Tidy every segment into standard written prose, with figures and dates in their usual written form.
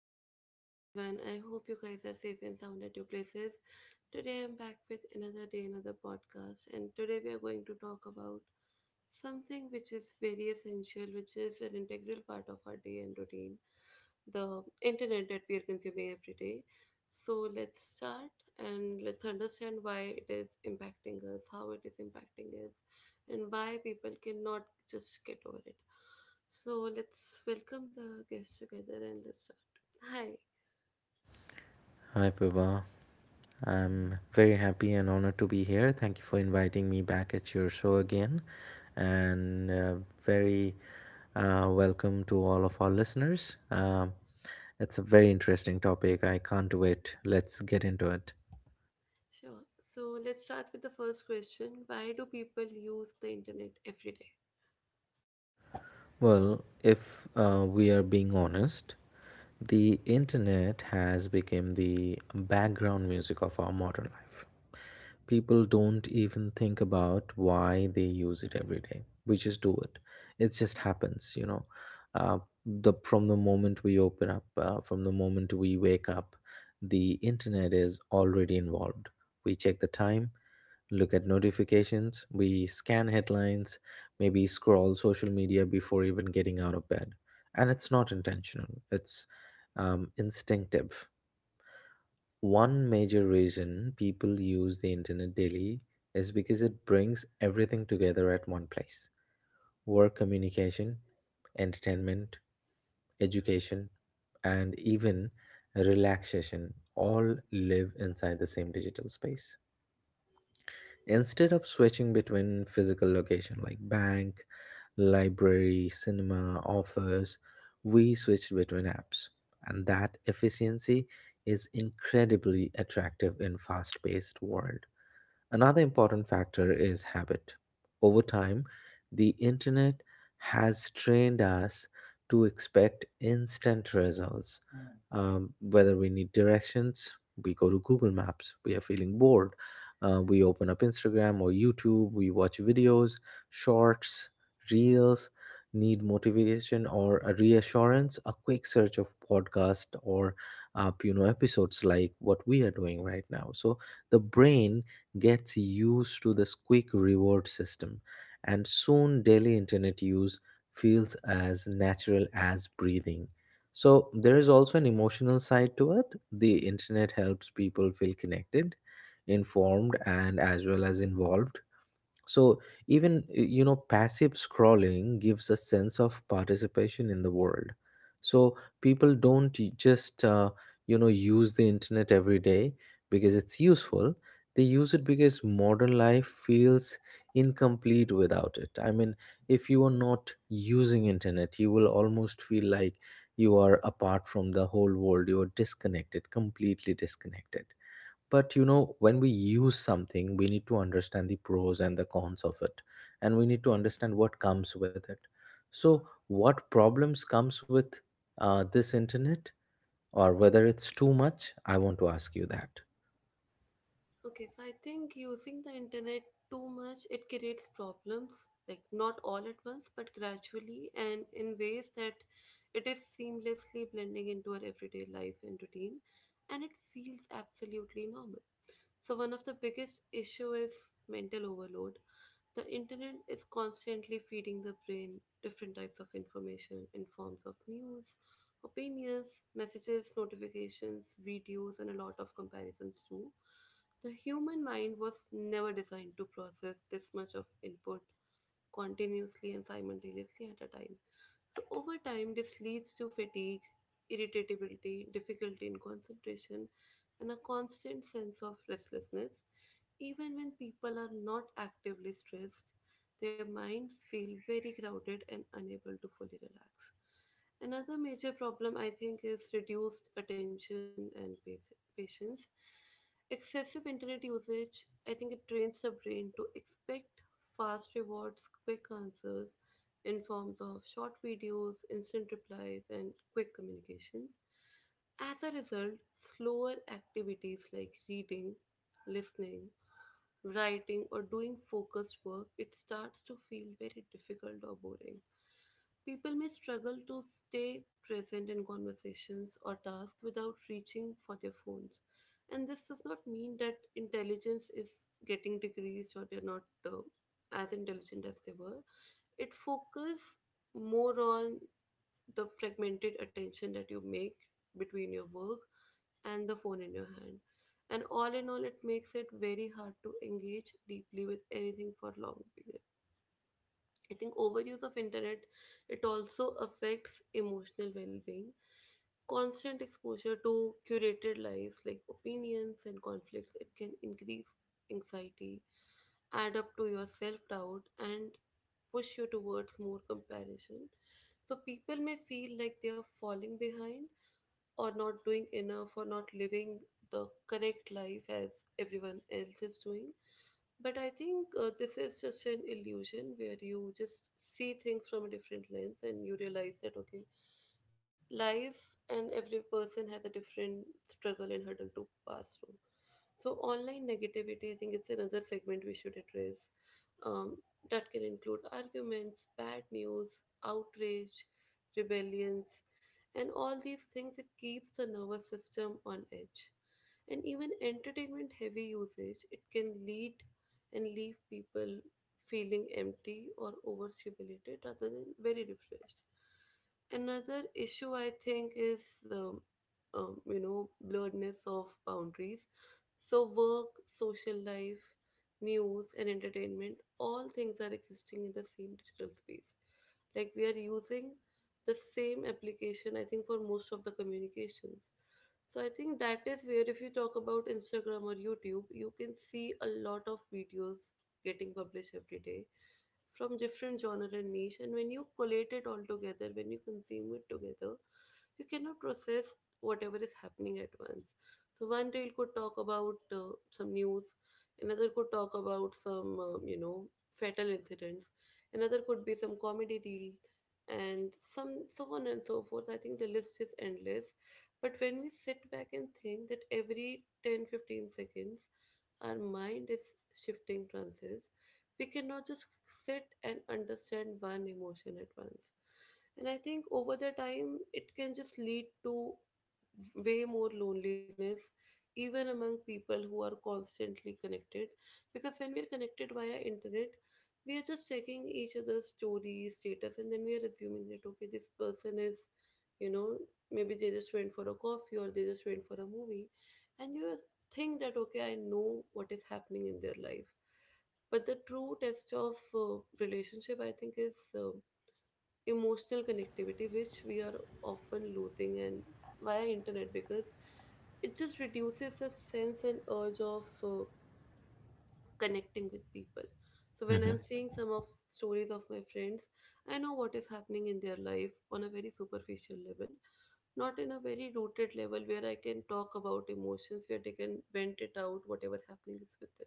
good morning to everyone. I hope you guys are safe and sound at your places. Today I'm back with another day, another podcast, and today we are going to talk about something which is very essential, which is an integral part of our day and routine the internet that we are consuming every day. So let's start and let's understand why it is impacting us, how it is impacting us, and why people cannot just get over it. So let's welcome the guests together and let's start. Hi. Hi, Pooba. I'm very happy and honored to be here. Thank you for inviting me back at your show again, and very welcome to all of our listeners. It's a very interesting topic. I can't wait. Let's get into it. Sure. So let's start with the first question. Why do people use the internet every day? Well, if we are being honest, the internet has become the background music of our modern life. People don't even think about why they use it every day. We just do it. It just happens you know uh, the From the moment we open up from the moment we wake up, the internet is already involved. We check the time, look at notifications, we scan headlines, maybe scroll social media before even getting out of bed. And it's not intentional, it's instinctive. One major reason people use the internet daily is because it brings everything together at one place. Work, communication, entertainment, education, and even relaxation all live inside the same digital space. Instead of switching between physical location like bank, library, cinema, office, we switched between apps, and that efficiency is incredibly attractive in fast-paced world. Another important factor is habit. Over time, the internet has trained us to expect instant results. Whether we need directions, we go to Google Maps. We are feeling bored, we open up Instagram or YouTube, we watch videos, shorts, reels. Need motivation or a reassurance, a quick search of podcast or you know, episodes like what we are doing right now. So the brain gets used to this quick reward system, and soon daily internet use feels as natural as breathing. So, there is also an emotional side to it. The internet helps people feel connected, informed, and as well as involved. So even, you know, passive scrolling gives a sense of participation in the world. So people don't just you know, use the internet every day because it's useful. They use it because modern life feels incomplete without it. I mean, if you are not using internet, you will almost feel like you are apart from the whole world. You are disconnected, completely disconnected. But you know, when we use something we need to understand the pros and the cons of it, and we need to understand what comes with it. So what problems comes with this internet, or whether it's too much? I want to ask you that. Okay, so I think using the internet too much it creates problems, like not all at once, but gradually and in ways that it is seamlessly blending into our everyday life and routine and it feels absolutely normal. So, one of the biggest issue is mental overload. The internet is constantly feeding the brain different types of information in forms of news, opinions, messages, notifications, videos, and a lot of comparisons too. The human mind was never designed to process this much of input continuously and simultaneously at a time. So, over time, this leads to fatigue, irritability, difficulty in concentration, and a constant sense of restlessness. Even when people are not actively stressed, their minds feel very crowded and unable to fully relax. Another major problem, I think, is reduced attention and patience. Excessive internet usage, I think it trains the brain to expect fast rewards, quick answers in forms of short videos, instant replies, and quick communications. As a result, slower activities like reading, listening, writing, or doing focused work, it starts to feel very difficult or boring. People may struggle to stay present in conversations or tasks without reaching for their phones. And this does not mean that intelligence is getting decreased or they're not as intelligent as they were. It focuses more on the fragmented attention that you make between your work and the phone in your hand. And all in all, it makes it very hard to engage deeply with anything for long period. I think overuse of internet it also affects emotional well-being. Constant exposure to curated lives like opinions and conflicts it can increase anxiety, add up to your self doubt and push you towards more comparison. So people may feel like they are falling behind or not doing enough or not living the correct life as everyone else is doing. But I think this is just an illusion where you just see things from a different lens and you realize that, okay, life and every person has a different struggle and hurdle to pass through. So, online negativity, I think it's another segment we should address, um, that can include arguments, bad news, outrage, rebellions, and all these things. It keeps the nervous system on edge and even entertainment heavy usage it can lead and leave people feeling empty or overstimulated rather than very refreshed. Another issue I think is the blurredness of boundaries. So work, social life, news, and entertainment all things are existing in the same digital space. Like we are using the same application, I think, for most of the communications. So I think that is where if you talk about Instagram or YouTube, you can see a lot of videos getting published every day from different genre and niche. And when you collate it all together, when you consume it together, you cannot process whatever is happening at once. So one reel could talk about some news, another could talk about some fatal incidents, another could be some comedy reel, and some so on and so forth. I think the list is endless but when we sit back and think that every 10-15 seconds our mind is shifting trances, we cannot just sit and understand one emotion at once. And I think over the time, it can just lead to way more loneliness, even among people who are constantly connected. Because when we are connected via internet, we are just checking each other's stories, status, and then we are assuming that okay, this person is, you know, maybe they just went for a coffee or they just went for a movie and you just think that okay I know what is happening in their life but the true test of relationship I think is emotional connectivity which we are often losing and via internet because it just reduces the sense and urge of connecting with people. So when Hmm. I'm seeing some of stories of my friends, I know what is happening in their life on a very superficial level, not in a very rooted level where I can talk about emotions, where they can vent it out, whatever happening is with them.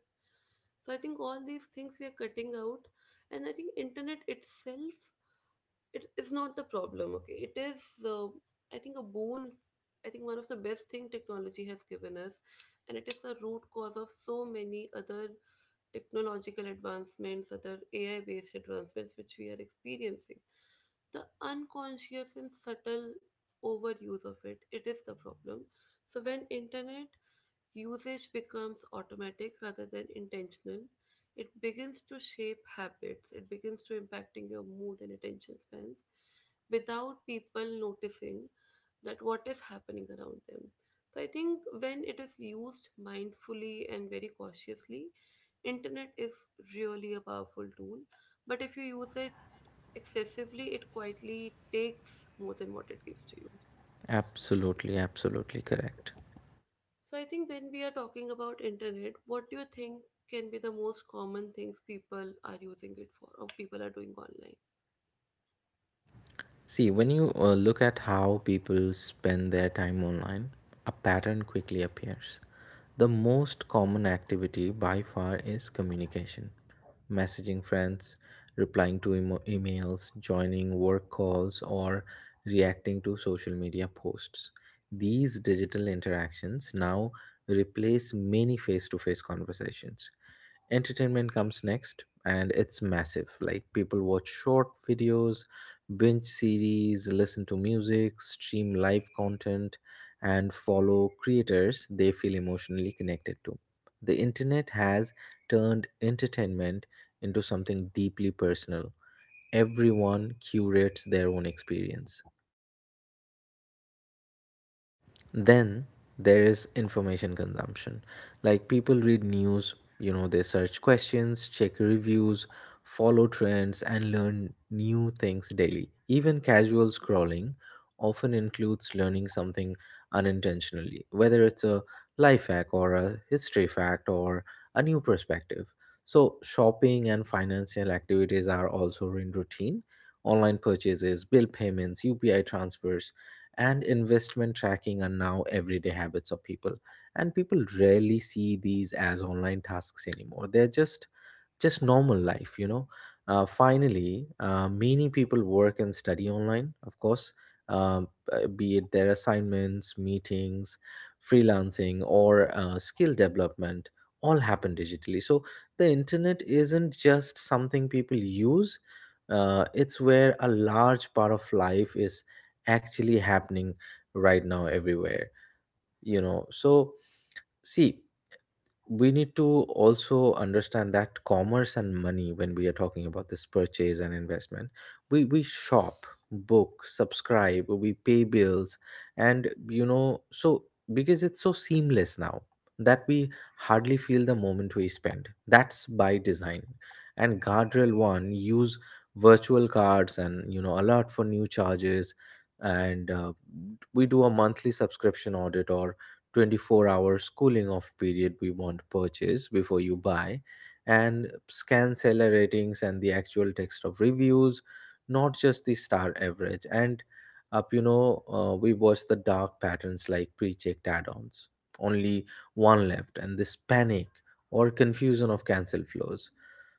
So I think all these things we are cutting out, and I think internet itself it is not the problem. Okay, it is I think a boon. I think one of the best thing technology has given us, and it is the root cause of so many other technological advancements, other AI based advancements which we are experiencing. The unconscious and subtle overuse of it, it is the problem. So when internet usage becomes automatic rather than intentional, it begins to shape habits, it begins to impacting your mood and attention spans without people noticing that what is happening around them. So I think when it is used mindfully and very cautiously, Internet is really a powerful tool, but if you use it excessively, it quietly takes more than what it gives to you. Absolutely, absolutely correct. So I think when we are talking about internet, what do you think can be the most common things people are using it for or people are doing online? See, when you look at how people spend their time online, a pattern quickly appears. The most common activity by far is communication, messaging friends, replying to emails, joining work calls, or reacting to social media posts. These digital interactions now replace many face to face conversations. Entertainment comes next and it's massive. Like, people watch short videos, binge series, listen to music, stream live content, and follow creators they feel emotionally connected to. The internet has turned entertainment into something deeply personal. Everyone curates their own experience. Then there is information consumption. Like, people read news, you know, they search questions, check reviews, follow trends, and learn new things daily. Even casual scrolling often includes learning something unintentionally, whether it's a life hack or a history fact or a new perspective. So shopping and financial activities are also in routine. Online purchases, bill payments, UPI transfers, and investment tracking are now everyday habits of people, and people rarely see these as online tasks anymore. They're just normal life, you know. Finally, many people work and study online, of course. Be it their assignments, meetings, freelancing, or skill development, all happen digitally. So the internet isn't just something people use, it's where a large part of life is actually happening right now, everywhere, you know. So see, we need to also understand that commerce and money, when we are talking about this purchase and investment, we shop, book, subscribe, we pay bills, and you know, so because it's so seamless now that we hardly feel the moment we spend. That's by design. And guardrail one use virtual cards, and you know, a lot for new charges. And we do a monthly subscription audit, or 24-hour cooling off period. We want purchase before you buy, and scan seller ratings and the actual text of reviews, not just the star average. And up you know we watch the dark patterns like pre-checked add-ons, only one left, and this panic or confusion of cancel flows.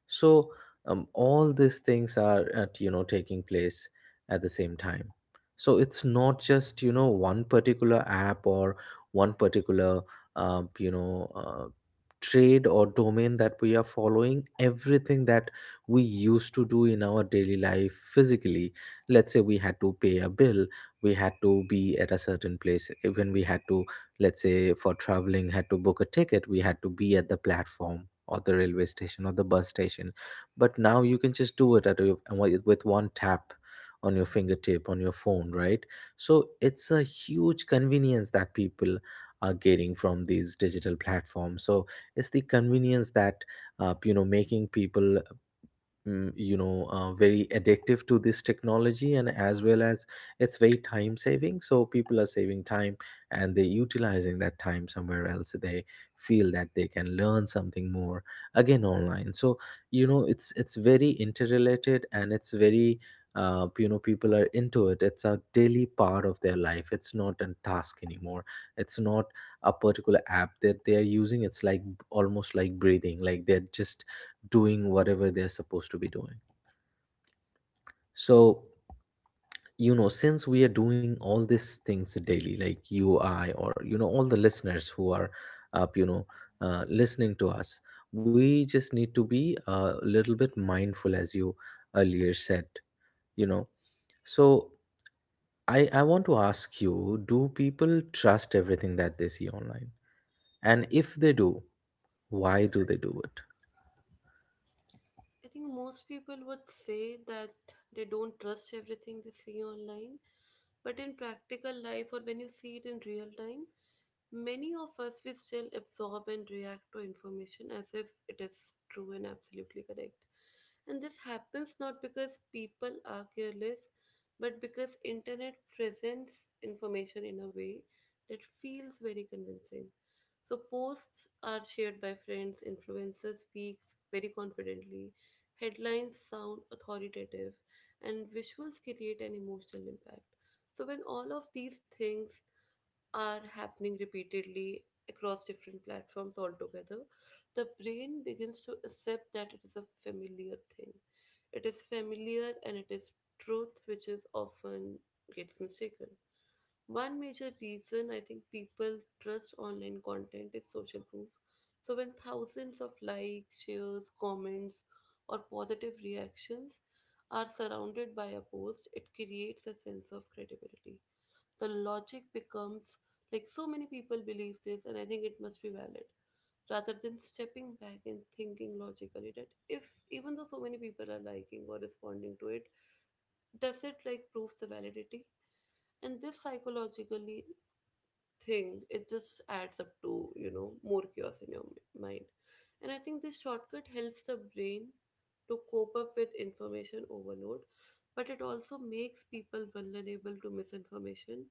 So all these things are at, you know, taking place at the same time. So it's not just, you know, one particular app or one particular, uh, you know uh, trade or domain that we are following. Everything that we used to do in our daily life physically, let's say we had to pay a bill, we had to be at a certain place. Even we had to, let's say for traveling, had to book a ticket, we had to be at the platform or the railway station or the bus station. But now you can just do it at your, with one tap on your fingertip on your phone, right? So it's a huge convenience that people are getting from these digital platforms. So it's the convenience that, you know, making people, very addictive to this technology. And as well as it's very time saving, so people are saving time, and they're utilizing that time somewhere else. They feel that they can learn something more again online. So you know, it's very interrelated, and it's very, you know, people are into it. It's a daily part of their life. It's not a task anymore. It's not a particular app that they are using. It's like almost like breathing. Like, they're just doing whatever they're supposed to be doing. So, you know, since we are doing all these things daily, like you, I, or, you know, all the listeners who are up, you know, listening to us, we just need to be a little bit mindful, as you earlier said, you know. So, I want to ask you, do people trust everything that they see online? And if they do, why do they do it? I think most people would say that they don't trust everything they see online, but in practical life or when you see it in real time, many of us, we still absorb and react to information as if it is true and absolutely correct. And this happens not because people are careless, but because internet presents information in a way that feels very convincing. So posts are shared by friends, influencers speaks very confidently, headlines sound authoritative, and visuals create an emotional impact. So when all of these things are happening repeatedly across different platforms altogether, the brain begins to accept that it is a familiar thing. It is familiar and it is truth which is often gets mistaken. One major reason I think people trust online content is social proof. So when thousands of likes, shares, comments, or positive reactions are surrounded by a post, it creates a sense of credibility the logic becomes like so many people believe this and I think it must be valid rather than stepping back and thinking logically that if even though so many people are liking or responding to it does it like prove the validity and this psychologically thing it just adds up to, you know, more chaos in your mind and I think this shortcut helps the brain to cope up with information overload but it also makes people vulnerable to misinformation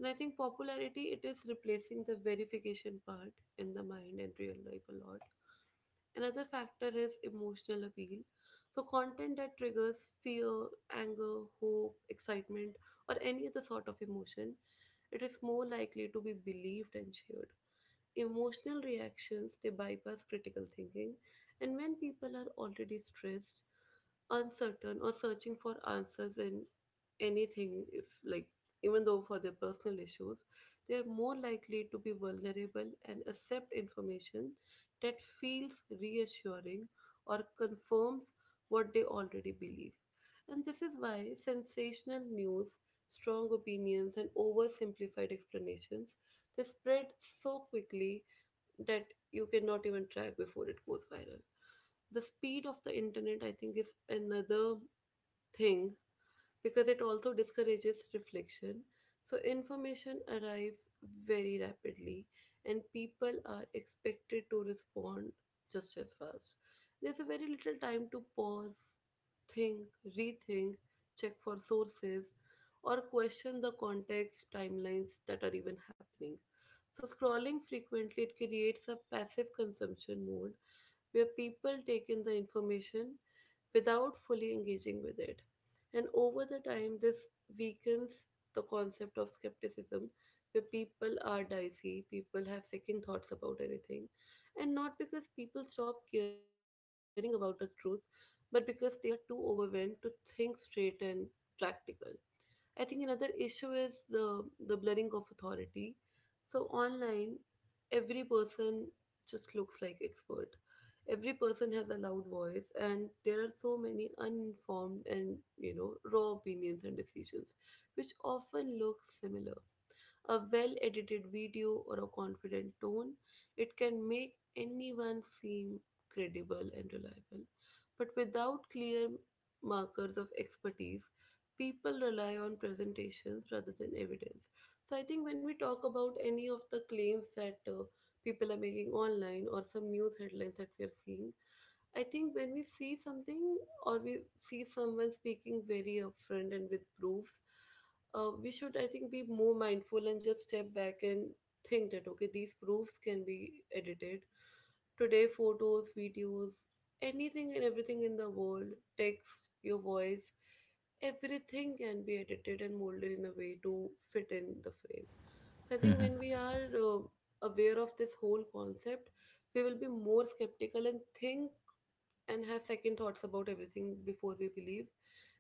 and I think popularity it is replacing the verification part in the mind and real life a lot. Another factor is emotional appeal. So, content that triggers fear, anger, hope, excitement, or any other sort of emotion it is more likely to be believed and shared. Emotional reactions they bypass critical thinking, and when people are already stressed, uncertain or searching for answers in anything if like even though for their personal issues they are more likely to be vulnerable and accept information that feels reassuring or confirms what they already believe and this is why sensational news strong opinions and oversimplified explanations they spread so quickly that you cannot even track before it goes viral the speed of the internet I think is another thing because it also discourages reflection. So, information arrives very rapidly, and people are expected to respond just as fast. There's a very little time to pause, think, rethink, check for sources, or question the context timelines that are even happening. So, scrolling frequently it creates a passive consumption mode where people take in the information without fully engaging with it. And over the time, this weakens the concept of skepticism, where people are dicey, people have second thoughts about anything. And not because people stop caring about the truth, but because they are too overwhelmed to think straight and practical. I think another issue is the blurring of authority. So online, every person just looks like expert. Every person has a loud voice, and there are so many uninformed and, you know, raw opinions and decisions, which often look similar. A well edited video or a confident tone, it can make anyone seem credible and reliable. But without clear markers of expertise, people rely on presentations rather than evidence. So I think when we talk about any of the claims that people are making online or some news headlines that we are seeing, I think when we see something or we see someone speaking very upfront and with proofs, we should, I think, be more mindful and just step back and think that, okay, these proofs can be edited. Today, photos, videos, anything and everything in the world, text, your voice, everything can be edited and molded in a way to fit in the frame. So I think when we are aware of this whole concept, we will be more skeptical and think and have second thoughts about everything before we believe.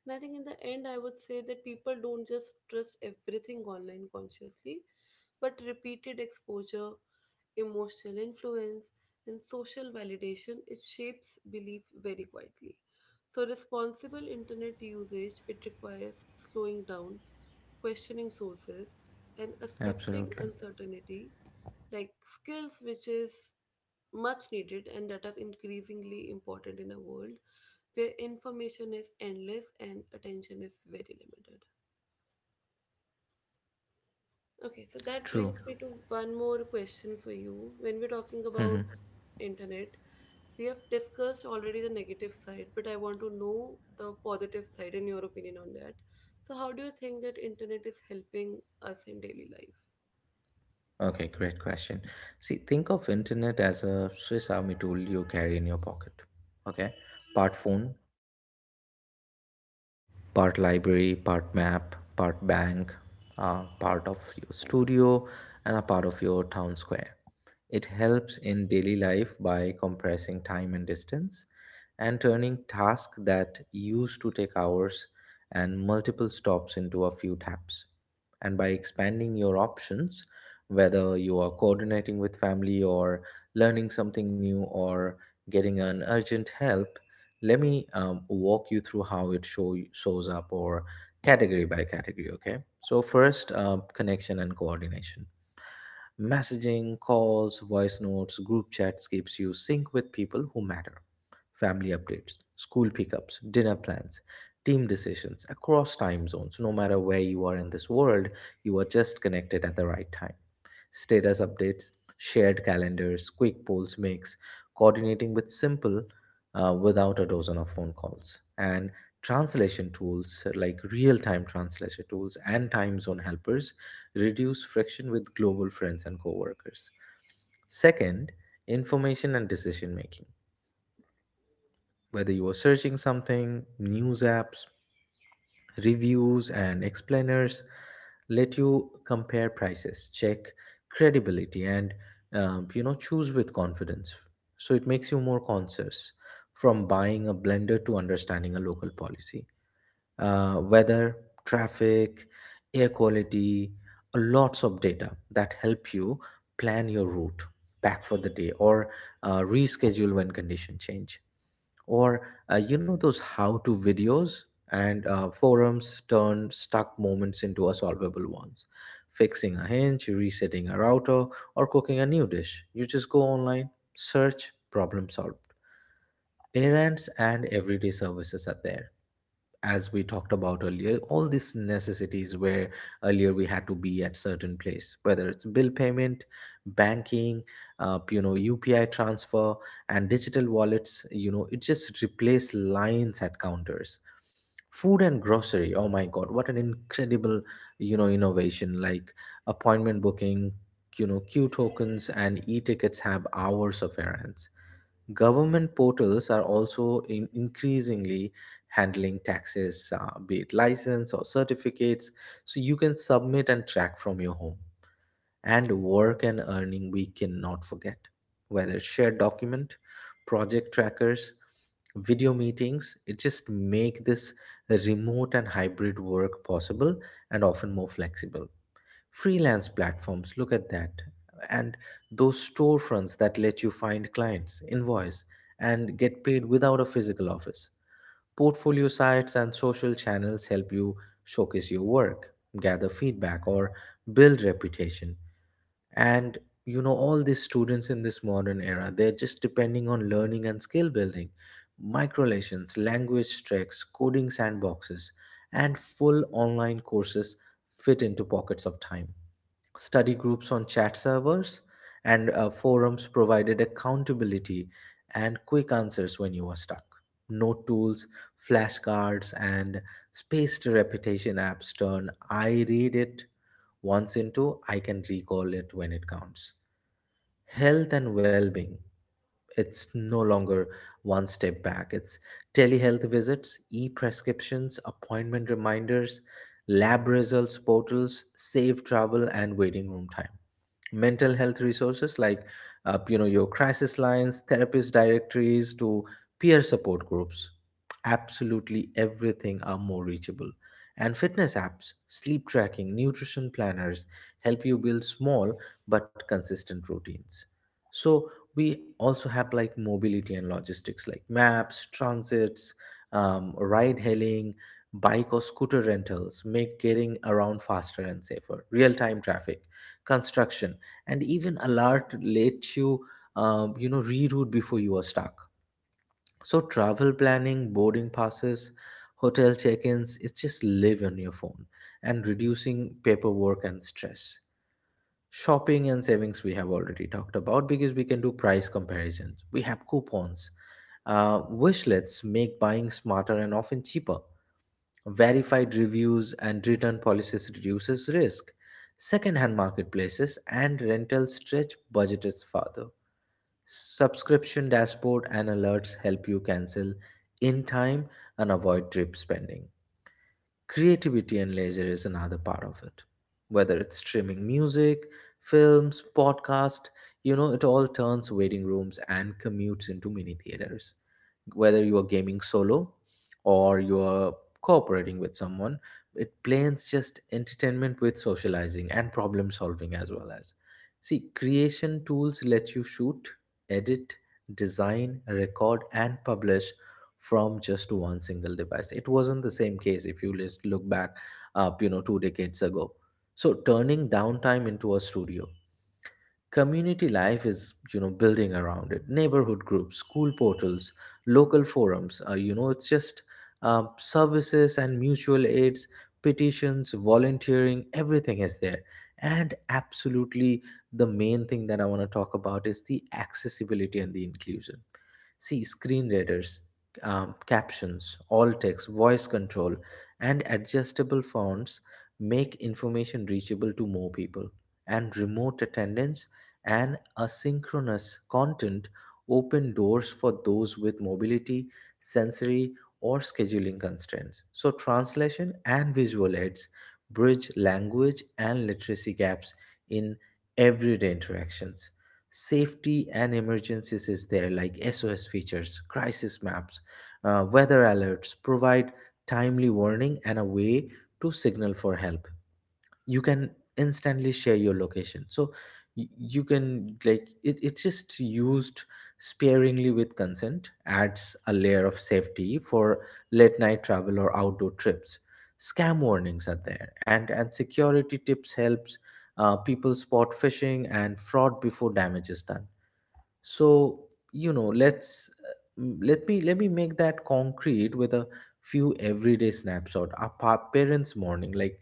And I think in the end, I would say that people don't just trust everything online consciously, but repeated exposure, emotional influence, and social validation, it shapes belief very quietly. So responsible internet usage, it requires slowing down, questioning sources, and accepting Absolutely. uncertainty, like skill switches much needed and that are increasingly important in a world where information is endless and attention is very limited. Okay, so that True. brings me to one more question for you. When we're talking about Hmm. internet, we have discussed already the negative side, but I want to know the positive side and your opinion on that. So how do you think that internet is helping us in daily life? Okay, great question. See, think of internet as a Swiss army tool you carry in your pocket. Okay? Part phone, part library, part map, part bank, part of your studio, and a part of your town square. It helps in daily life by compressing time and distance and turning tasks that used to take hours and multiple stops into a few taps. And by expanding your options, whether you are coordinating with family or learning something new or getting an urgent help, let me walk you through how it shows up, or category by category, okay? So, first, connection and coordination. Messaging, calls, voice notes, group chats keeps you sync with people who matter. Family updates, school pickups, dinner plans, team decisions across time zones. No matter where you are in this world, you are just connected at the right time. Status updates, shared calendars, quick polls makes coordinating with simple, without a dozen of phone calls. And translation tools, like real time translation tools and time zone helpers, reduce friction with global friends and coworkers. Second, information and decision making. Whether you are searching something, news apps, reviews and explainers let you compare prices, check credibility, and you know, choose with confidence. So it makes you more conscious. From buying a blender to understanding a local policy, weather, traffic, air quality, lots of data that help you plan your route back for the day, or reschedule when condition change. Or you know, those how to videos and forums turn stuck moments into a solvable ones. Fixing a hinge, resetting a router, or cooking a new dish, you just go online, search, problem solved. Errands and everyday services are there. As we talked about earlier, all these necessities where earlier we had to be at certain place, whether it's bill payment, banking, you know, UPI transfer and digital wallets, you know, it just replaced lines at counters. Food and grocery, oh my god, what an incredible, you know, innovation. Like, appointment booking, you know, queue tokens, and e-tickets have hours of errands. Government portals are also in increasingly handling taxes, be it license or certificates, so you can submit and track from your home. And work and earning, we cannot forget. Whether shared document, project trackers, video meetings, it just make this remote and hybrid work possible and often more flexible. Freelance platforms, look at that, and those storefronts that let you find clients, invoice, and get paid without a physical office. Portfolio sites and social channels help you showcase your work, gather feedback, or build reputation. And all these students in this modern era, they're just depending on learning and skill building. Microlesions, language tracks, coding sandboxes, and full online courses fit into pockets of time. Study groups on chat servers and forums provided accountability and quick answers when you were stuck. Note tools, flashcards, and spaced repetition apps turn "I read it once" into "I can recall it when it counts." Health and well-being, it's no longer one step back. It's telehealth visits, e-prescriptions, appointment reminders, lab results portals, safe travel and waiting room time. Mental health resources like your crisis lines, therapist directories to peer support groups, absolutely everything are more reachable. And fitness apps, sleep tracking, nutrition planners help you build small but consistent routines. So we also have like mobility and logistics, like maps, transits, ride hailing, bike or scooter rentals, make getting around faster and safer. Real time traffic, construction, and even alert let you, reroute before you are stuck. So travel planning, boarding passes, hotel check-ins, it's just live on your phone, and reducing paperwork and stress. Shopping and savings we have already talked about, because we can do price comparisons. We have coupons. Wishlets make buying smarter and often cheaper. Verified reviews and return policies reduces risk. Second-hand marketplaces and rental stretch budgets further. Subscription dashboard and alerts help you cancel in time and avoid trip spending. Creativity and leisure is another part of it. Whether it's streaming music, films, podcast, it all turns waiting rooms and commutes into mini theaters. Whether you are gaming solo or you are cooperating with someone, it blends just entertainment with socializing and problem solving as well as. See, creation tools let you shoot, edit, design, record, and publish from just one single device. It wasn't the same case if you just look back up, 2 decades ago. So turning downtime into a studio. Community life is building around it, neighborhood groups, school portals, local forums. It's just services and mutual aids, petitions, volunteering, everything is there. And absolutely the main thing that I want to talk about is the accessibility and the inclusion. See screen readers, captions, alt text, voice control, and adjustable fonts make information reachable to more people. And remote attendance and asynchronous content open doors for those with mobility, sensory, or scheduling constraints. So, translation and visual aids bridge language and literacy gaps in everyday interactions. Safety and emergencies is there, like SOS features, crisis maps, weather alerts provide timely warning and a way to signal for help. You can instantly share your location, so you can like it, it's just used sparingly with consent, adds a layer of safety for late night travel or outdoor trips. Scam warnings are there, and security tips helps people spot phishing and fraud before damage is done. So let's let me make that concrete with a few everyday snapshot. Our parents morning, like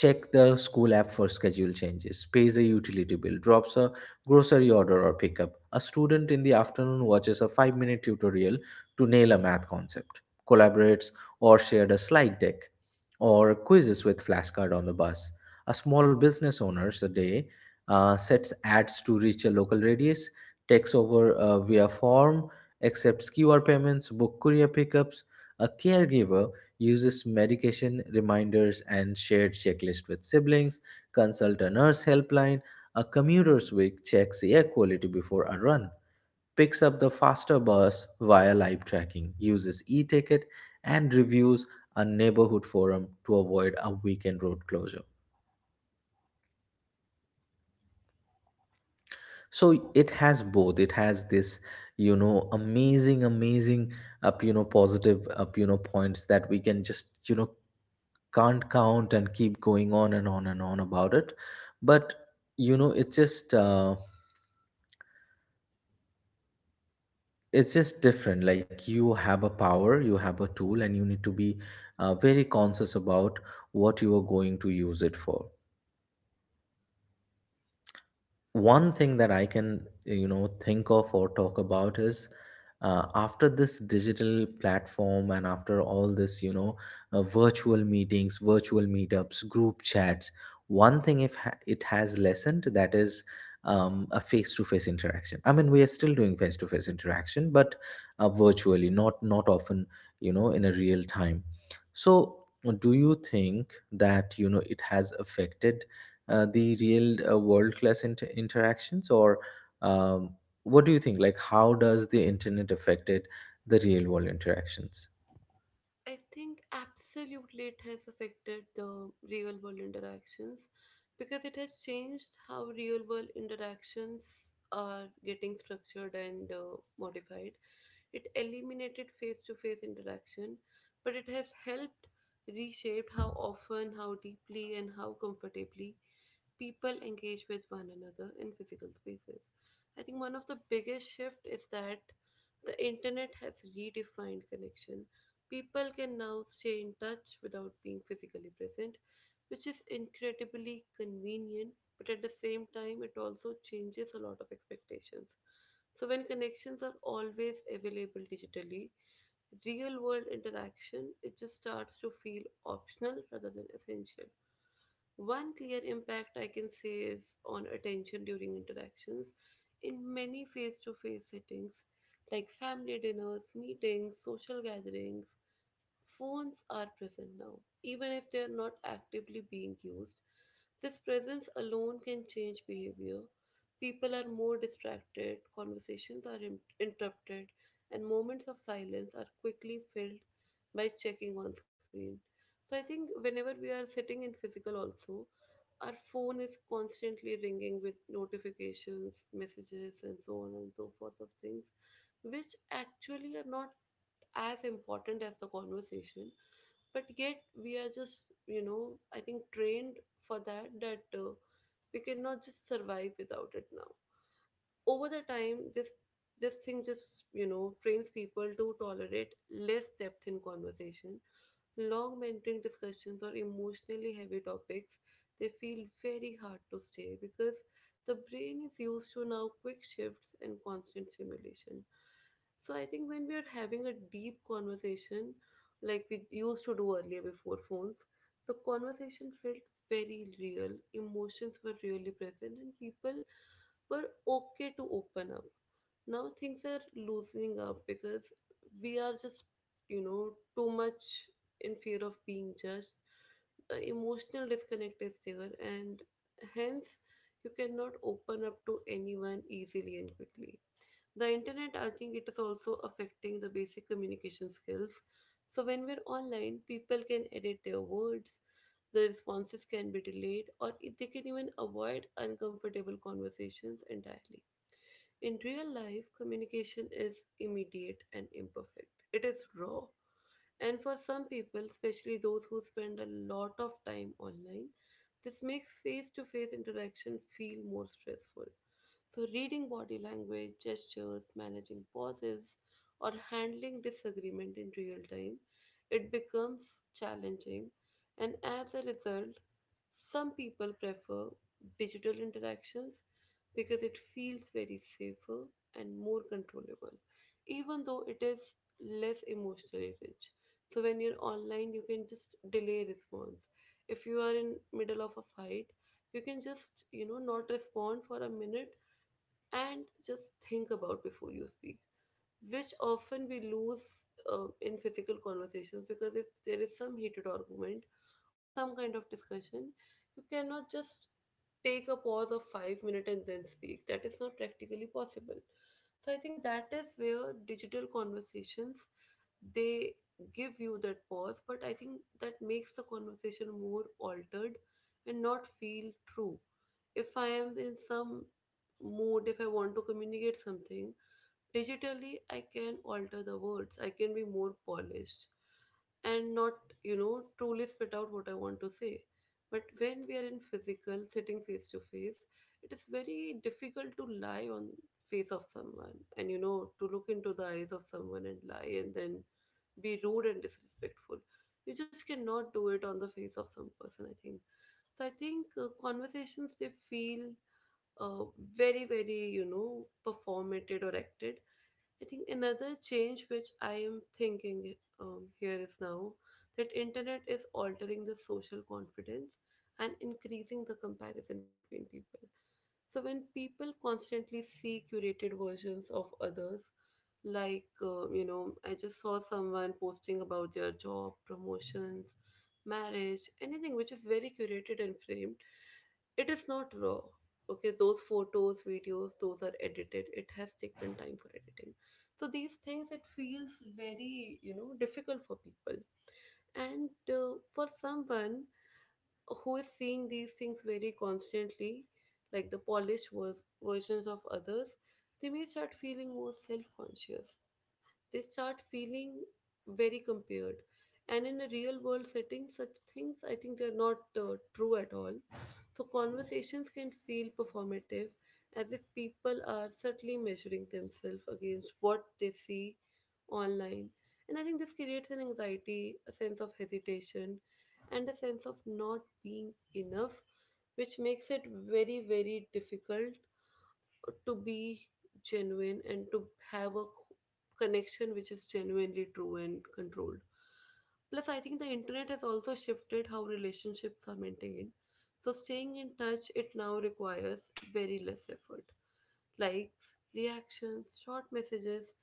check the school app for schedule changes, pays a utility bill, drops a grocery order or pickup. A student in the afternoon watches a 5-minute tutorial to nail a math concept, collaborates or shared a slide deck or quizzes with flashcard on the bus. A small business owners a day sets ads to reach a local radius, takes over via form, accepts QR payments, book courier pickups. A caregiver uses medication reminders and shared checklist with siblings, consult a nurse helpline. A commuter's week checks air quality before a run, picks up the faster bus via live tracking, uses e-ticket and reviews a neighborhood forum to avoid a weekend road closure. So it has both. It has this, amazing, amazing up, positive up, points that we can just, can't count and keep going on and on and on about it. But you know it's just uh, it's just different. Like, you have a power, you have a tool, and you need to be very conscious about what you are going to use it for. One thing that I can think of or talk about is after this digital platform and after all this virtual meetings, virtual meetups, group chats. One thing if it has lessened, that is a face-to-face interaction. I mean, we are still doing face-to-face interaction, but virtually, not often, in a real time. So, do you think that it has affected the real world class interactions, or um, what do you think, like, how does the internet affected the real world interactions? I think absolutely it has affected the real world interactions because it has changed how real world interactions are getting structured and modified. It eliminated face to face interaction, but it has helped reshape how often, how deeply, and how comfortably people engage with one another in physical spaces. I think one of the biggest shift is that the internet has redefined connection. People can now stay in touch without being physically present, which is incredibly convenient, but at the same time it also changes a lot of expectations. So when connections are always available digitally, real world interaction, it just starts to feel optional rather than essential. One clear impact I can say is on attention during interactions. In many face to face settings, like family dinners, meetings, social gatherings, phones are present now, even if they are not actively being used. This presence alone can change behavior. People are more distracted, conversations are interrupted, and moments of silence are quickly filled by checking on screen. So I think whenever we are sitting in physical also, our phone is constantly ringing with notifications, messages, and so on and so forth of things, which actually are not as important as the conversation. But yet, we are just, you know, I think trained for that, that we cannot just survive without it now. Over the time, this thing just, you know, trains people to tolerate less depth in conversation. Long mentoring discussions or emotionally heavy topics, they feel very hard to stay because the brain is used to now quick shifts and constant stimulation. So I think when we are having a deep conversation, like we used to do earlier before phones, the conversation felt very real. Emotions were really present, and people were okay to open up. Now things are loosening up because we are just, you know, too much in fear of being judged. The emotional disconnect is there, and hence you cannot open up to anyone easily and quickly. The internet, I think it is also affecting the basic communication skills. So when we're online, people can edit their words, the responses can be delayed, or they can even avoid uncomfortable conversations entirely. In real life, communication is immediate and imperfect. It is raw. And for some people, especially those who spend a lot of time online, this makes face to face interaction feel more stressful. So, reading body language, gestures, managing pauses, or handling disagreement in real time, it becomes challenging. And as a result, some people prefer digital interactions because it feels very safer and more controllable, even though it is less emotionally rich. So when you're online, you can just delay response. If you are in middle of a fight, you can just, you know, not respond for a minute and just think about before you speak, which often we lose in physical conversations, because if there is some heated argument or some kind of discussion, you cannot just take a pause of 5 minutes and then speak. That is not practically possible. So I think that is where digital conversations, they give you that pause, but I think that makes the conversation more altered and not feel true. If I am in some mood, if I want to communicate something digitally, I can alter the words, I can be more polished and not, you know, truly spit out what I want to say. But when we are in physical, sitting face to face, it is very difficult to lie on face of someone and, you know, to look into the eyes of someone and lie and then be rude and disrespectful. You just cannot do it on the face of some person, I think. So I think conversations they feel uh, very, very, you know, performated or acted. I think another change which I am thinking here is now that internet is altering the social confidence and increasing the comparison between people. So when people constantly see curated versions of others, like you know, I just saw someone posting about their job, promotions, marriage, anything which is very curated and framed, it is not raw. Okay, those photos, videos, those are edited, it has taken time for editing. So these things, it feels very, you know, difficult for people, and for someone who is seeing these things very constantly, like the polished versions of others, they may start feeling more self-conscious, they start feeling very compared. And in a real world setting, such things, I think they're not true at all. So conversations can feel performative, as if people are subtly measuring themselves against what they see online. And I think this creates an anxiety, a sense of hesitation, and a sense of not being enough, which makes it very, very difficult to be genuine and to have a connection which is genuinely true and controlled. Plus, I think the internet has also shifted how relationships are maintained. So, staying in touch, it now requires very less effort. Likes, reactions, short messages,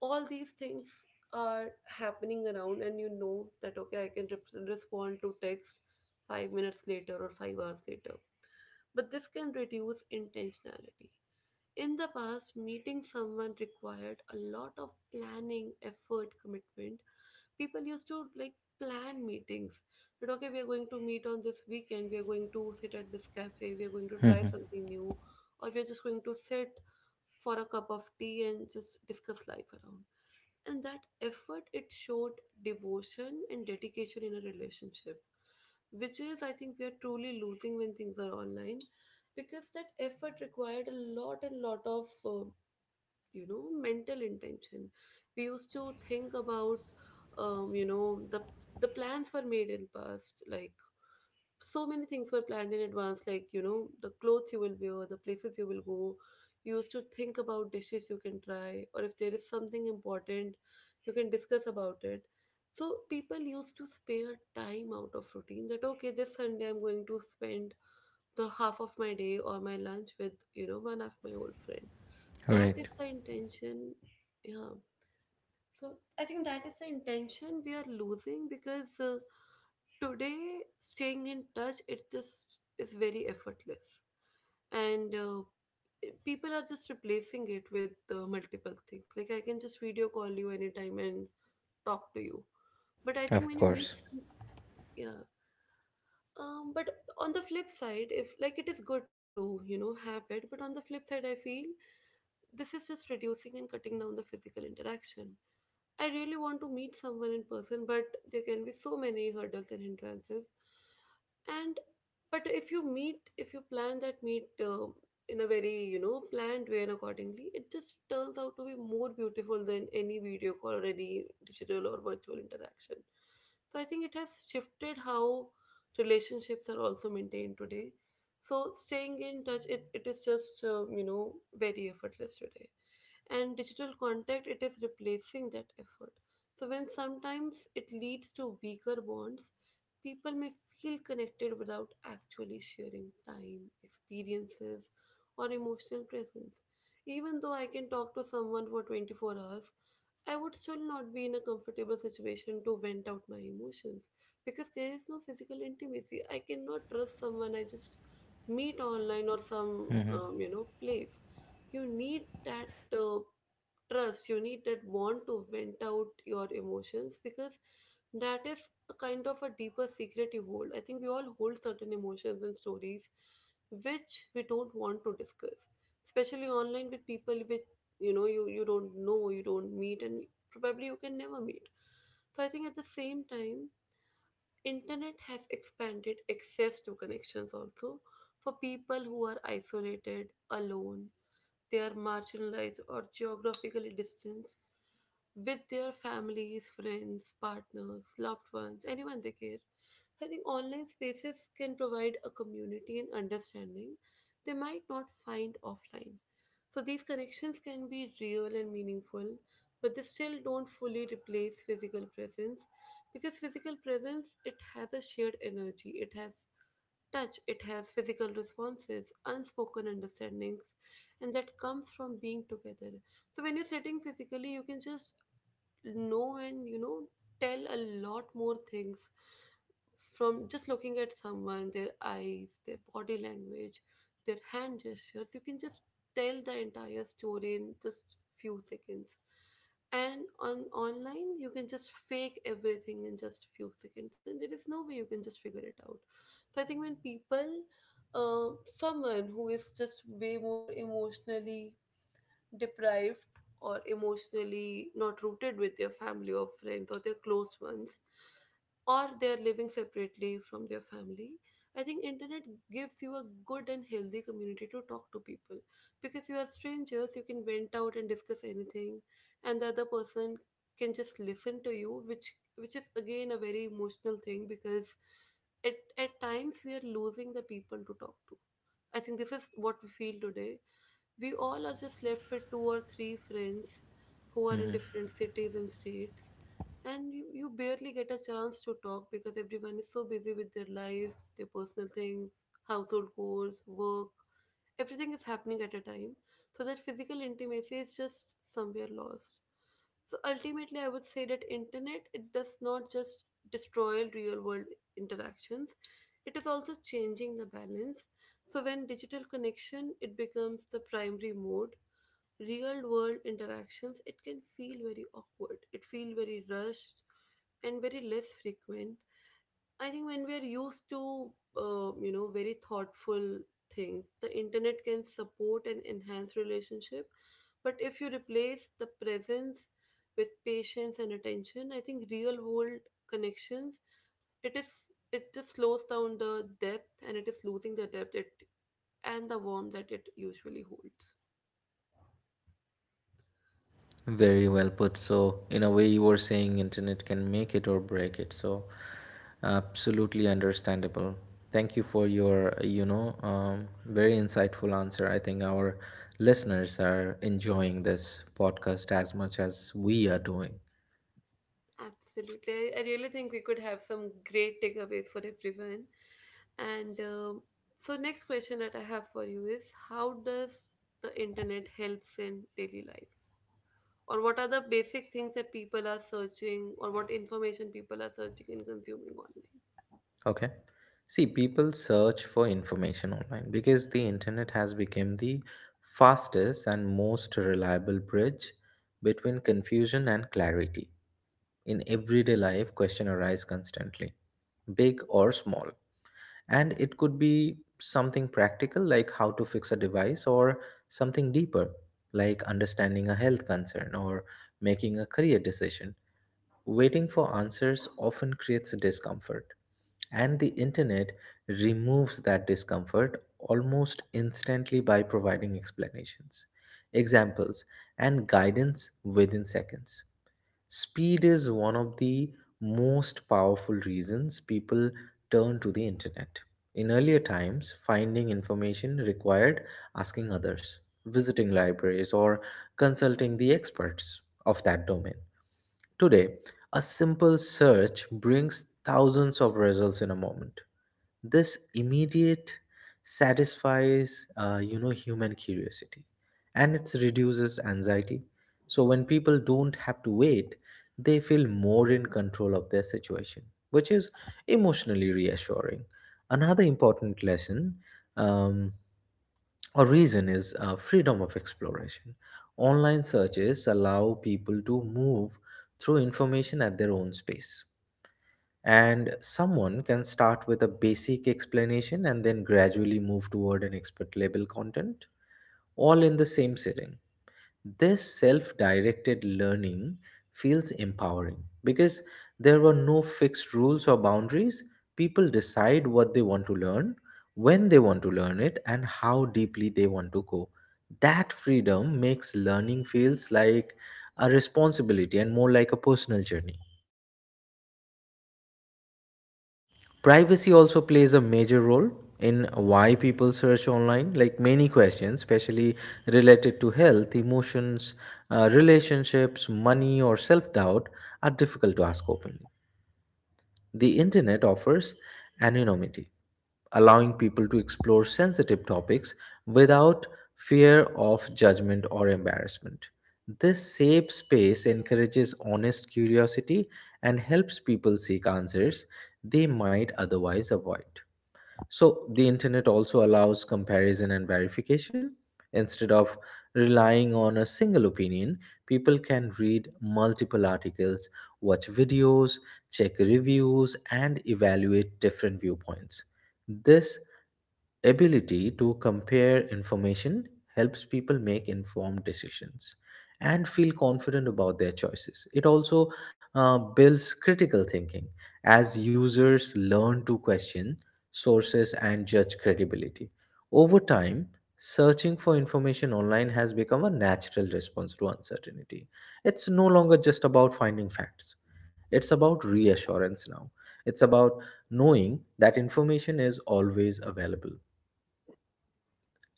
all these things are happening around, and you know that, okay, I can respond to text 5 minutes later or 5 hours later. But this can reduce intentionality. In the past, meeting someone required a lot of planning, effort, commitment. People used to like plan meetings that okay, we are going to meet on this weekend, we are going to sit at this cafe, we are going to try something new, or we are just going to sit for a cup of tea and just discuss life around, and that effort, it showed devotion and dedication in a relationship, which is, I think, we are truly losing when things are online, because that effort required a lot and lot of, you know, mental intention. We used to think about, you know, the plans were made in past. Like so many things were planned in advance, like, you know, the clothes you will wear, the places you will go, you used to think about dishes you can try, or if there is something important, you can discuss about it. So people used to spare time out of routine that okay, this Sunday I'm going to spend the half of my day or my lunch with, you know, one of my old friend. That Right, is the intention. Yeah. So I think that is the intention we are losing, because today staying in touch, it just is very effortless. And people are just replacing it with multiple things, like I can just video call you anytime and talk to you. But I think of when you course. meet some, yeah, but on the flip side, if like it is good to, you know, have it, but on the flip side, I feel this is just reducing and cutting down the physical interaction. I really want to meet someone in person, but there can be so many hurdles and hindrances. And but if you meet, if you plan that meet in a very, you know, planned way and accordingly, it just turns out to be more beautiful than any video call or any digital or virtual interaction. So I think it has shifted how relationships are also maintained today. So staying in touch, it is just very effortless today. And digital contact, it is replacing that effort, so when sometimes it leads to weaker bonds. People may feel connected without actually sharing time, experiences, or emotional presence. Even though I can talk to someone for 24 hours, I would still not be in a comfortable situation to vent out my emotions, because there is no physical intimacy. I cannot trust someone I just meet online or some place. You need that trust, you need that want to vent out your emotions, because that is a kind of a deeper secret you hold. I think we all hold certain emotions and stories which we don't want to discuss, especially online with people which, you don't know, you don't meet, and probably you can never meet. So I think at the same time, internet has expanded access to connections also, for people who are isolated, alone, they are marginalized or geographically distanced with their families, friends, partners, loved ones, anyone they care. I think online spaces can provide a community and understanding they might not find offline. So these connections can be real and meaningful, but they still don't fully replace physical presence, because physical presence, it has a shared energy, it has touch, it has physical responses, unspoken understandings, and that comes from being together. So when you're sitting physically, you can just know and tell a lot more things. From just looking at someone, their eyes, their body language, their hand gestures, you can just tell the entire story in just few seconds. And on online, you can just fake everything in just few seconds, and there is no way you can just figure it out. So I think when people, someone who is just way more emotionally deprived or emotionally not rooted with their family or friends or their close ones, or they're living separately from their family, I think internet gives you a good and healthy community to talk to people, because you are strangers, you can vent out and discuss anything. And the other person can just listen to you, which is again a very emotional thing, because at times we are losing the people to talk to. I think this is what we feel today. We all are just left with two or three friends who are in different cities and states, and you barely get a chance to talk because everyone is so busy with their life, their personal things, household chores, work. Everything is happening at a time, so that physical intimacy is just somewhere lost. So ultimately I would say that internet, it does not just destroy real world interactions, it is also changing the balance. So when digital connection, it becomes the primary mode, real world interactions, it can feel very awkward. It feel very rushed and very less frequent. I think when we're used to, very thoughtful things, the internet can support and enhance relationship. But if you replace the presence with patience and attention, I think real world connections, it is it just slows down the depth, and it is losing the depth it and the warmth that it usually holds. Very well put. So, in a way, you were saying internet can make it or break it. So, absolutely understandable. Thank you for your, very insightful answer. I think our listeners are enjoying this podcast as much as we are doing. Absolutely. I really think we could have some great takeaways for everyone. And um, next question that I have for you is, how does the internet helps in daily life? Or what are the basic things that people are searching, or what information people are searching and consuming online? Okay. See, people search for information online because the internet has become the fastest and most reliable bridge between confusion and clarity. In everyday life, question arise constantly, big or small. And it could be something practical like how to fix a device, or something deeper like understanding a health concern or making a career decision. Waiting for answers often creates discomfort, and the internet removes that discomfort almost instantly by providing explanations, examples, and guidance within seconds. Speed is one of the most powerful reasons people turn to the internet. In earlier times, finding information required asking others, visiting libraries, or consulting the experts of that domain. Today, a simple search brings thousands of results in a moment. This immediate satisfies human curiosity, and it reduces anxiety. So when people don't have to wait, they feel more in control of their situation, which is emotionally reassuring. Another important lesson, um, or reason, is freedom of exploration. Online searches allow people to move through information at their own space, and someone can start with a basic explanation and then gradually move toward an expert level content, all in the same sitting. This self directed learning feels empowering because there were no fixed rules or boundaries. People decide what they want to learn, when they want to learn it, and how deeply they want to go. That freedom makes learning feels like a responsibility and more like a personal journey. Privacy also plays a major role in why people search online. Like, many questions, especially related to health, emotions, relationships, money, or self-doubt, are difficult to ask openly. The internet offers anonymity, allowing people to explore sensitive topics without fear of judgment or embarrassment. This safe space encourages honest curiosity and helps people seek answers they might otherwise avoid. So the internet also allows comparison and verification. Instead of relying on a single opinion, people can read multiple articles, watch videos, check reviews, and evaluate different viewpoints. This ability to compare information helps people make informed decisions and feel confident about their choices. It also builds critical thinking, as users learn to question sources and judge credibility. Over time, searching for information online has become a natural response to uncertainty. It's no longer just about finding facts, it's about reassurance now. It's about knowing that information is always available.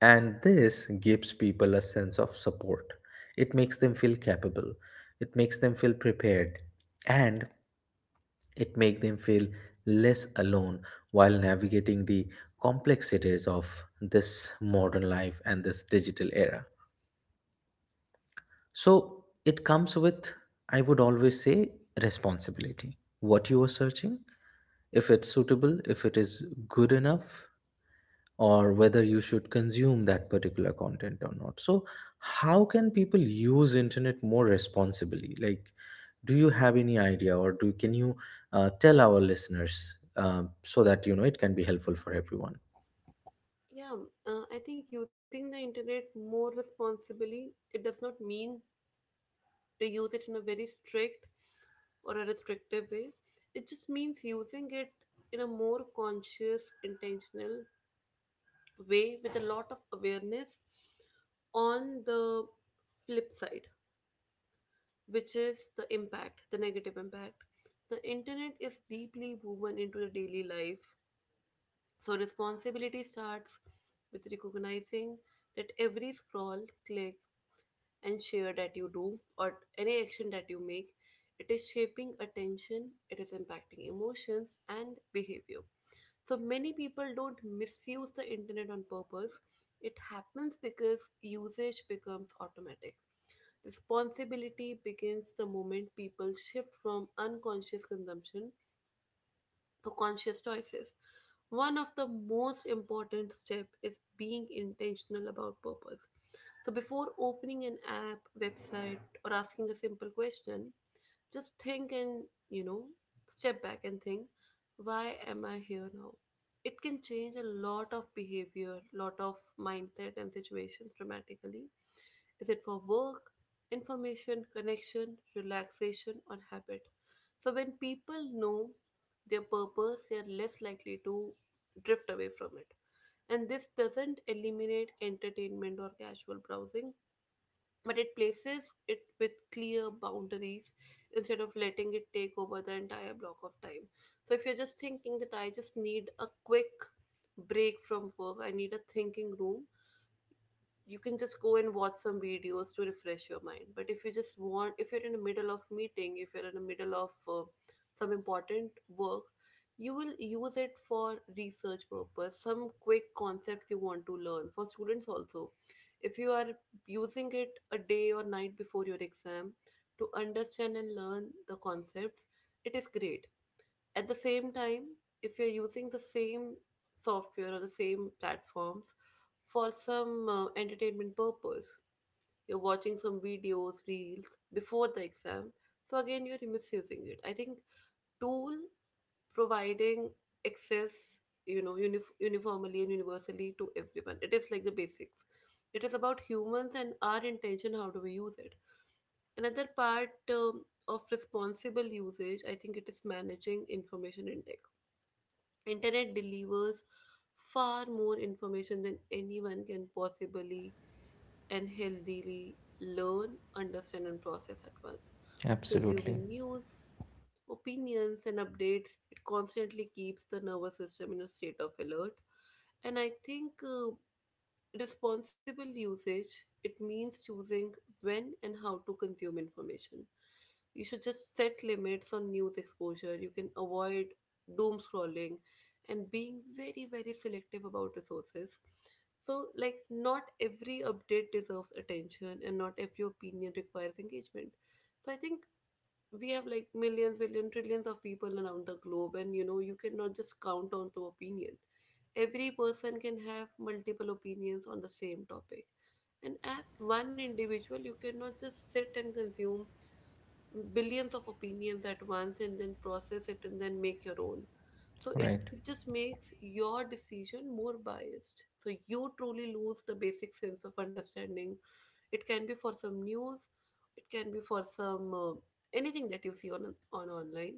And this gives people a sense of support. It makes them feel capable, it makes them feel prepared, and it makes them feel less alone while navigating the complexities of this modern life and this digital era. So it comes with, I would always say, responsibility. What you are searching, if it's suitable, if it is good enough, or whether you should consume that particular content or not. So, how can people use internet more responsibly? Like, do you have any idea, or do can you tell our listeners so that it can be helpful for everyone? Yeah, I think using the internet more responsibly, it does not mean to use it in a very strict or a restrictive way. It just means using it in a more conscious, intentional way, with a lot of awareness on the flip side, which is the impact, the negative impact. The internet is deeply woven into the daily life. So responsibility starts with recognizing that every scroll, click, and share that you do, or any action that you make, it is shaping attention, it is impacting emotions and behavior. So many people don't misuse the internet on purpose. It happens because usage becomes automatic. Responsibility begins the moment people shift from unconscious consumption to conscious choices. One of the most important steps is being intentional about purpose. So before opening an app, website, or asking a simple question, just think and, you know, step back and think, why am I here now? It can change a lot of behavior, lot of mindset and situations dramatically. Is it for work, information, connection, relaxation, or habit? So when people know their purpose, they are less likely to drift away from it. And this doesn't eliminate entertainment or casual browsing, but it places it with clear boundaries instead of letting it take over the entire block of time. So if you're just thinking that I just need a quick break from work, I need a thinking room, you can just go and watch some videos to refresh your mind. But if you just want, if you're in the middle of meeting, if you're in the middle of some important work, you will use it for research purpose, some quick concepts you want to learn. For students also, if you are using it a day or night before your exam to understand and learn the concepts, it is great. At the same time, if you're using the same software or the same platforms for some entertainment purpose, you're watching some videos, reels before the exam, so again, you're misusing it. I think tool providing access, uniformly and universally to everyone. It is like the basics. It is about humans and our intention. How do we use it? Another part of responsible usage, I think, it is managing information intake. Internet delivers far more information than anyone can possibly and healthily learn, understand, and process at once. Absolutely. Consuming news, opinions, and updates, it constantly keeps the nervous system in a state of alert. And I think, responsible usage, it means choosing when and how to consume information. You should just set limits on news exposure. You can avoid doom scrolling and being very, very selective about resources. So, like, not every update deserves attention and not every opinion requires engagement. So, I think we have like millions, billion, trillions of people around the globe, and you know, you cannot just count on to opinion. Every person can have multiple opinions on the same topic, and as one individual, you cannot just sit and consume billions of opinions at once and then process it and then make your own. So it, Right. it just makes your decision more biased, so you truly lose the basic sense of understanding. It can be for some news, it can be for some anything that you see on online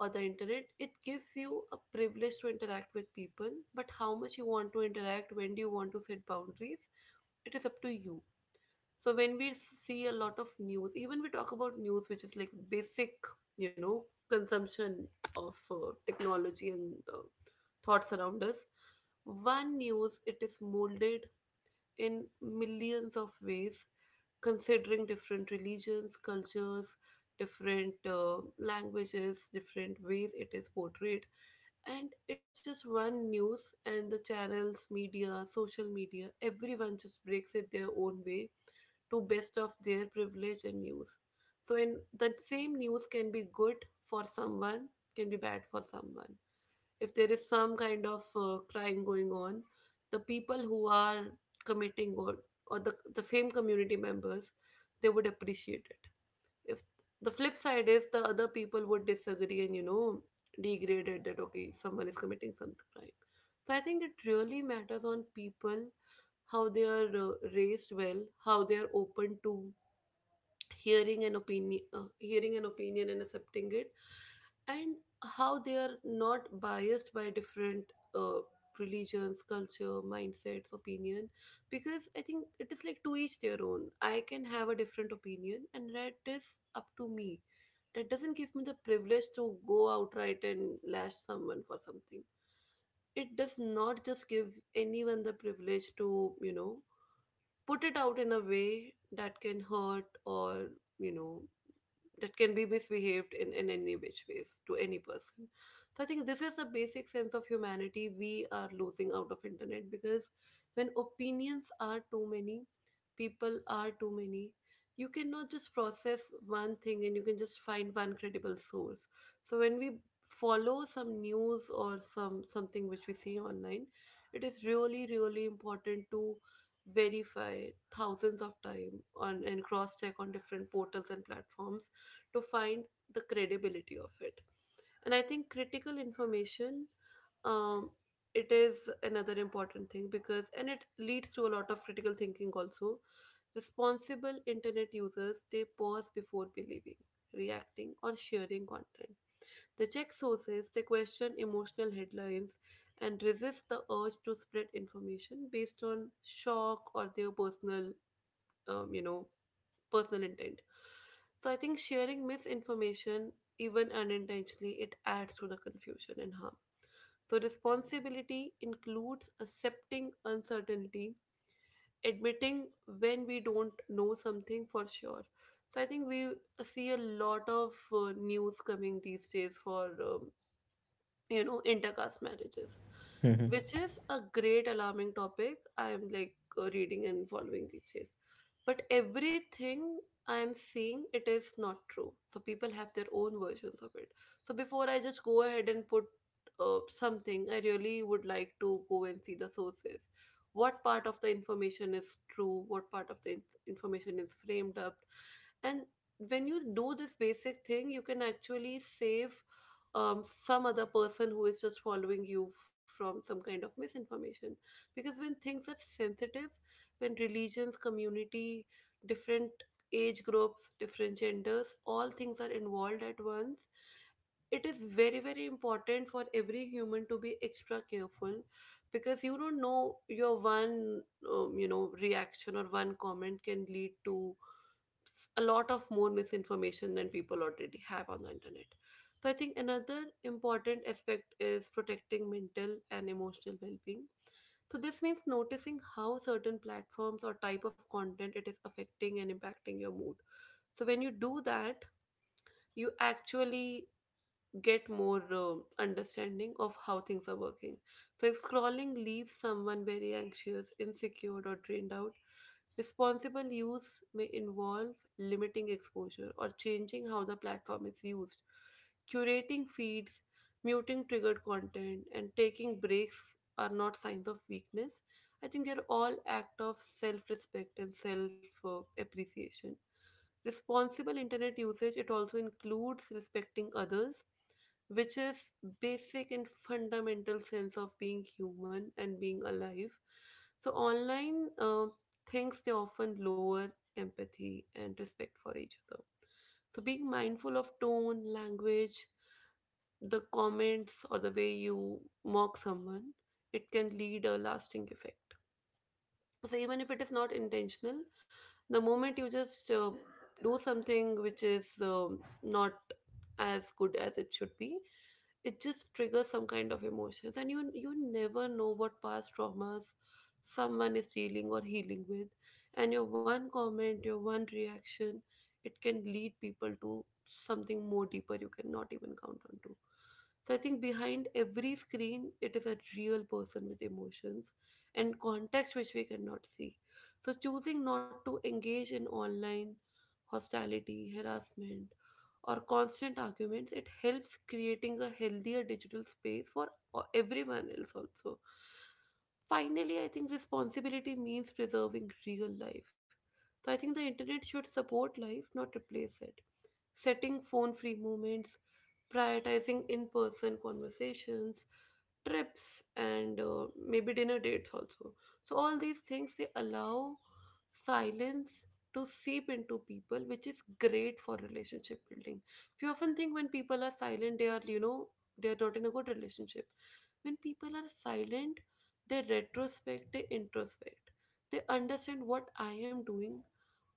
or the internet. It gives you a privilege to interact with people, but how much you want to interact, when do you want to set boundaries, it is up to you. So when we see a lot of news, even we talk about news, which is like basic, consumption of technology and thoughts around us. One news, it is molded in millions of ways, considering different religions, cultures, different languages, different ways it is portrayed. And it is just one news, and the channels, media, social media, everyone just breaks it their own way to best of their privilege and news. So, in the same news can be good for someone, can be bad for someone. If there is some kind of crime going on, the people who are committing, or the same community members, they would appreciate it. If the flip side is the other people would disagree and you know degrade it that okay someone is committing some crime. So I think it really matters on people how they are raised well, how they are open to hearing an opinion and accepting it, and how they are not biased by different uh, religions, culture, mindsets, opinion, because I think it is like to each their own. I can have a different opinion and that is up to me. That doesn't give me the privilege to go outright and lash someone for something. It does not just give anyone the privilege to put it out in a way that can hurt or you know that can be misbehaved in any which ways to any person. So I think this is the basic sense of humanity we are losing out of internet, because when opinions are too many, people are too many, you cannot just process one thing and you can just find one credible source. So when we follow some news or some something which we see online, it is really really important to verify thousands of time on and cross check on different portals and platforms to find the credibility of it. And I think critical information, um it is another important thing, because and it leads to a lot of critical thinking also. Responsible internet users, they pause before believing, reacting or sharing content. They check sources, they question emotional headlines, and resist the urge to spread information based on shock or their personal um, you know personal intent. So I think sharing misinformation, even unintentionally, it adds to the confusion and harm. So responsibility includes accepting uncertainty, admitting when we don't know something for sure. So I think we see a lot of news coming these days for intercaste marriages, Hmm. which is a great alarming topic I am like reading and following these days. But everything I am seeing it is not true, so people have their own versions of it. So before I just go ahead and put something, I really would like to go and see the sources, what part of the information is true, what part of the information is framed up. And when you do this basic thing, you can actually save some other person who is just following you from some kind of misinformation. Because when things are sensitive, when religions, community, different age groups, different genders, all things are involved at once, it is very, very important for every human to be extra careful, because you don't know your one, reaction or one comment can lead to a lot of more misinformation than people already have on the internet. So I think another important aspect is protecting mental and emotional well-being. So this means noticing how certain platforms or type of content it is affecting and impacting your mood. So when you do that, you actually get more understanding of how things are working. So, if scrolling leaves someone very anxious, insecure, or drained out, responsible use may involve limiting exposure or changing how the platform is used, curating feeds, muting triggered content, and taking breaks are not signs of weakness. I think they're all act of self-respect and self-appreciation. Responsible internet usage, it also includes respecting others, which is basic and fundamental sense of being human and being alive. So online things, they often lower empathy and respect for each other. So being mindful of tone, language, the comments, or the way you mock someone, it can lead a lasting effect. So even if it is not intentional, the moment you just do something which is not as good as it should be, it just triggers some kind of emotions, and you never know what past traumas someone is dealing or healing with. And your one comment, your one reaction, it can lead people to something more deeper you cannot even count on to. So I think behind every screen it is a real person with emotions and context which we cannot see. So choosing not to engage in online hostility, harassment or constant arguments, it helps creating a healthier digital space for everyone else also. Finally, I think responsibility means preserving real life. So I think the internet should support life, not replace it. Setting phone free moments, prioritizing in person conversations, trips, and maybe dinner dates also. So, all these things they allow silence to seep into people, which is great for relationship building. We often think when people are silent they are they are not in a good relationship. When people are silent, they retrospect, they introspect, they understand what I am doing,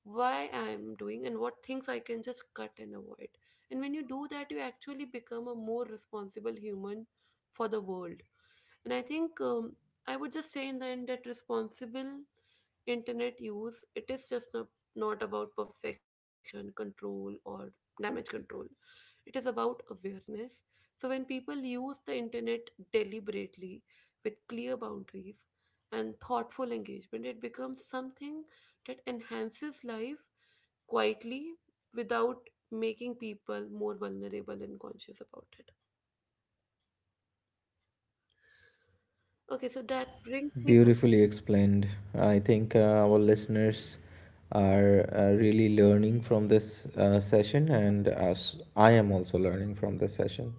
why I'm doing and what things I can just cut and avoid. And when you do that, you actually become a more responsible human for the world. And I think I would just say in the end that responsible internet use, it is just not, not about perfection, control, or damage control. It is about awareness. So, when people use the internet deliberately with clear boundaries and thoughtful engagement, it becomes something that enhances life quietly without making people more vulnerable and conscious about it. Okay, so that brings me. Beautifully explained. I think our listeners are really learning from this session, and as I am also learning from this session.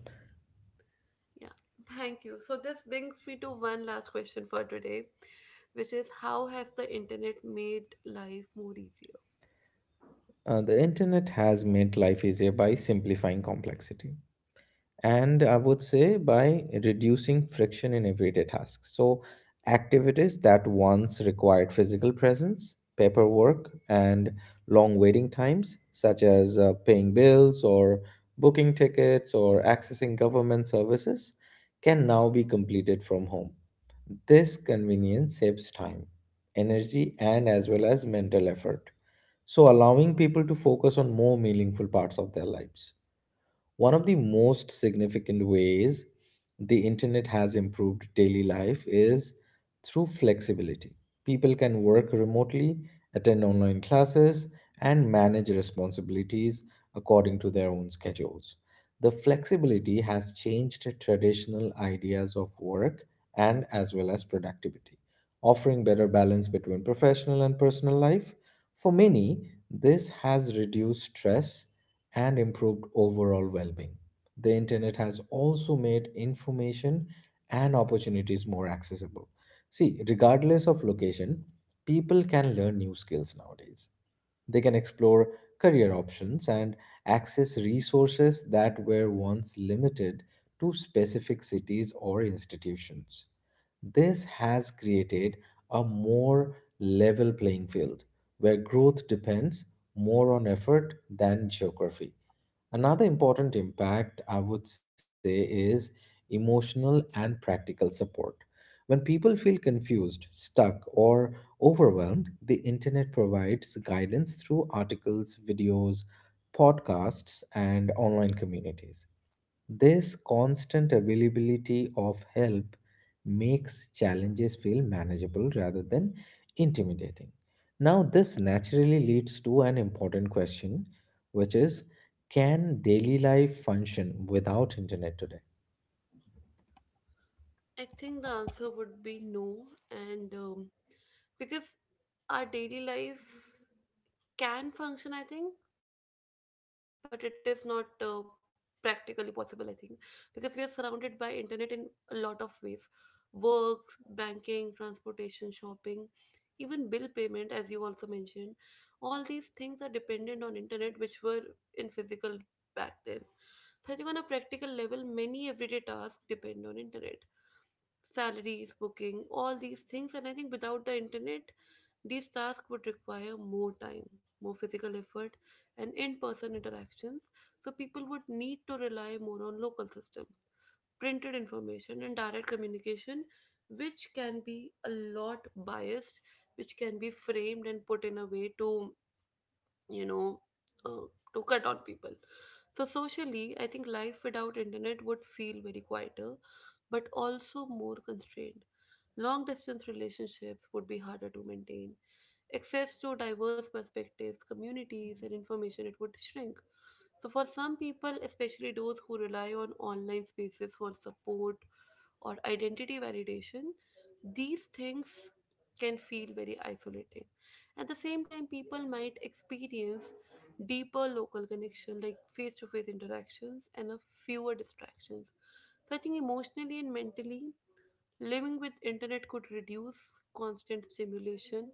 Yeah, thank you. So this brings me to one last question for today, which is how has the internet made life more easier? The internet has made life easier by simplifying complexity, and I would say by reducing friction in everyday tasks. So, activities that once required physical presence, paperwork, and long waiting times, such as paying bills or booking tickets or accessing government services, can now be completed from home. This convenience saves time, energy, and as well as mental effort, so allowing people to focus on more meaningful parts of their lives. One of the most significant ways the internet has improved daily life is through flexibility. People can work remotely, attend online classes, and manage responsibilities according to their own schedules. The flexibility has changed traditional ideas of work and as well as productivity, offering better balance between professional and personal life. For many, this has reduced stress and improved overall well being. The internet has also made information and opportunities more accessible. See, regardless of location, people can learn new skills nowadays. They can explore career options and access resources that were once limited to specific cities or institutions. This has created a more level playing field where growth depends more on effort than geography. Another important impact, I would say, is emotional and practical support. When people feel confused, stuck, or overwhelmed, the internet provides guidance through articles, videos, podcasts, and online communities. This constant availability of help makes challenges feel manageable rather than intimidating. Now, this naturally leads to an important question, which is, can daily life function without internet today? I think the answer would be no, and because our daily life can function, I think, but it is not practically possible, I think, because we are surrounded by internet in a lot of ways: work, banking, transportation, shopping, even bill payment, as you also mentioned. All these things are dependent on internet, which were in physical back then. So I think on a practical level, many everyday tasks depend on internet, salaries, booking, all these things. And I think without the internet, these tasks would require more time, more physical effort, and in-person interactions. So people would need to rely more on local system, printed information and direct communication, which can be a lot biased, which can be framed and put in a way to you know uh, to cut on people. So socially, I think life without internet would feel very quieter, but also more constrained. Long distance relationships would be harder to maintain. Access to diverse perspectives, communities, and information, it would shrink. So, for some people, especially those who rely on online spaces for support or identity validation, these things can feel very isolating. At the same time, people might experience deeper local connection, like face to face interactions and a fewer distractions. So, I think emotionally and mentally, living with internet could reduce constant stimulation,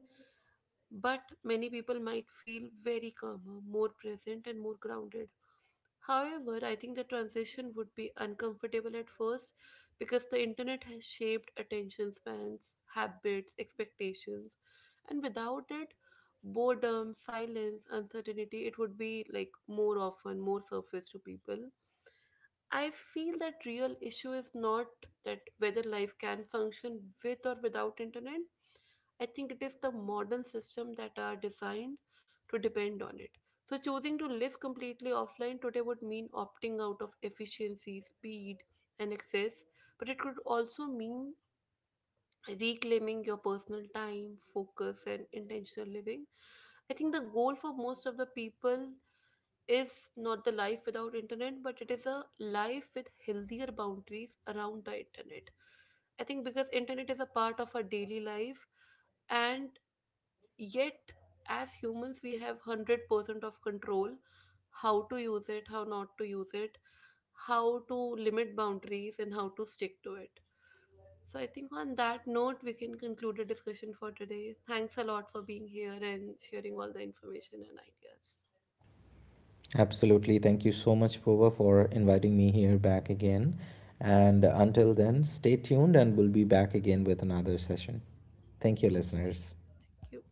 but many people might feel very calmer, more present, and more grounded. However, I think the transition would be uncomfortable at first, because the internet has shaped attention spans, habits, expectations, and without it, boredom, silence, uncertainty, it would be like more often, more surface to people. I feel that real issue is not that whether life can function with or without internet. I think it is the modern system that are designed to depend on it. So choosing to live completely offline today would mean opting out of efficiency, speed, and access, but it could also mean reclaiming your personal time, focus, and intentional living. I think the goal for most of the people is not the life without internet, but it is a life with healthier boundaries around the internet. I think because internet is a part of our daily life, and yet, as humans, we have 100% of control how to use it, how not to use it, how to limit boundaries, and how to stick to it. So, I think on that note, we can conclude the discussion for today. Thanks a lot for being here and sharing all the information and ideas. Absolutely. Thank you so much, Pova, for inviting me here back again. And until then, stay tuned and we'll be back again with another session. Thank you, listeners. Thank you.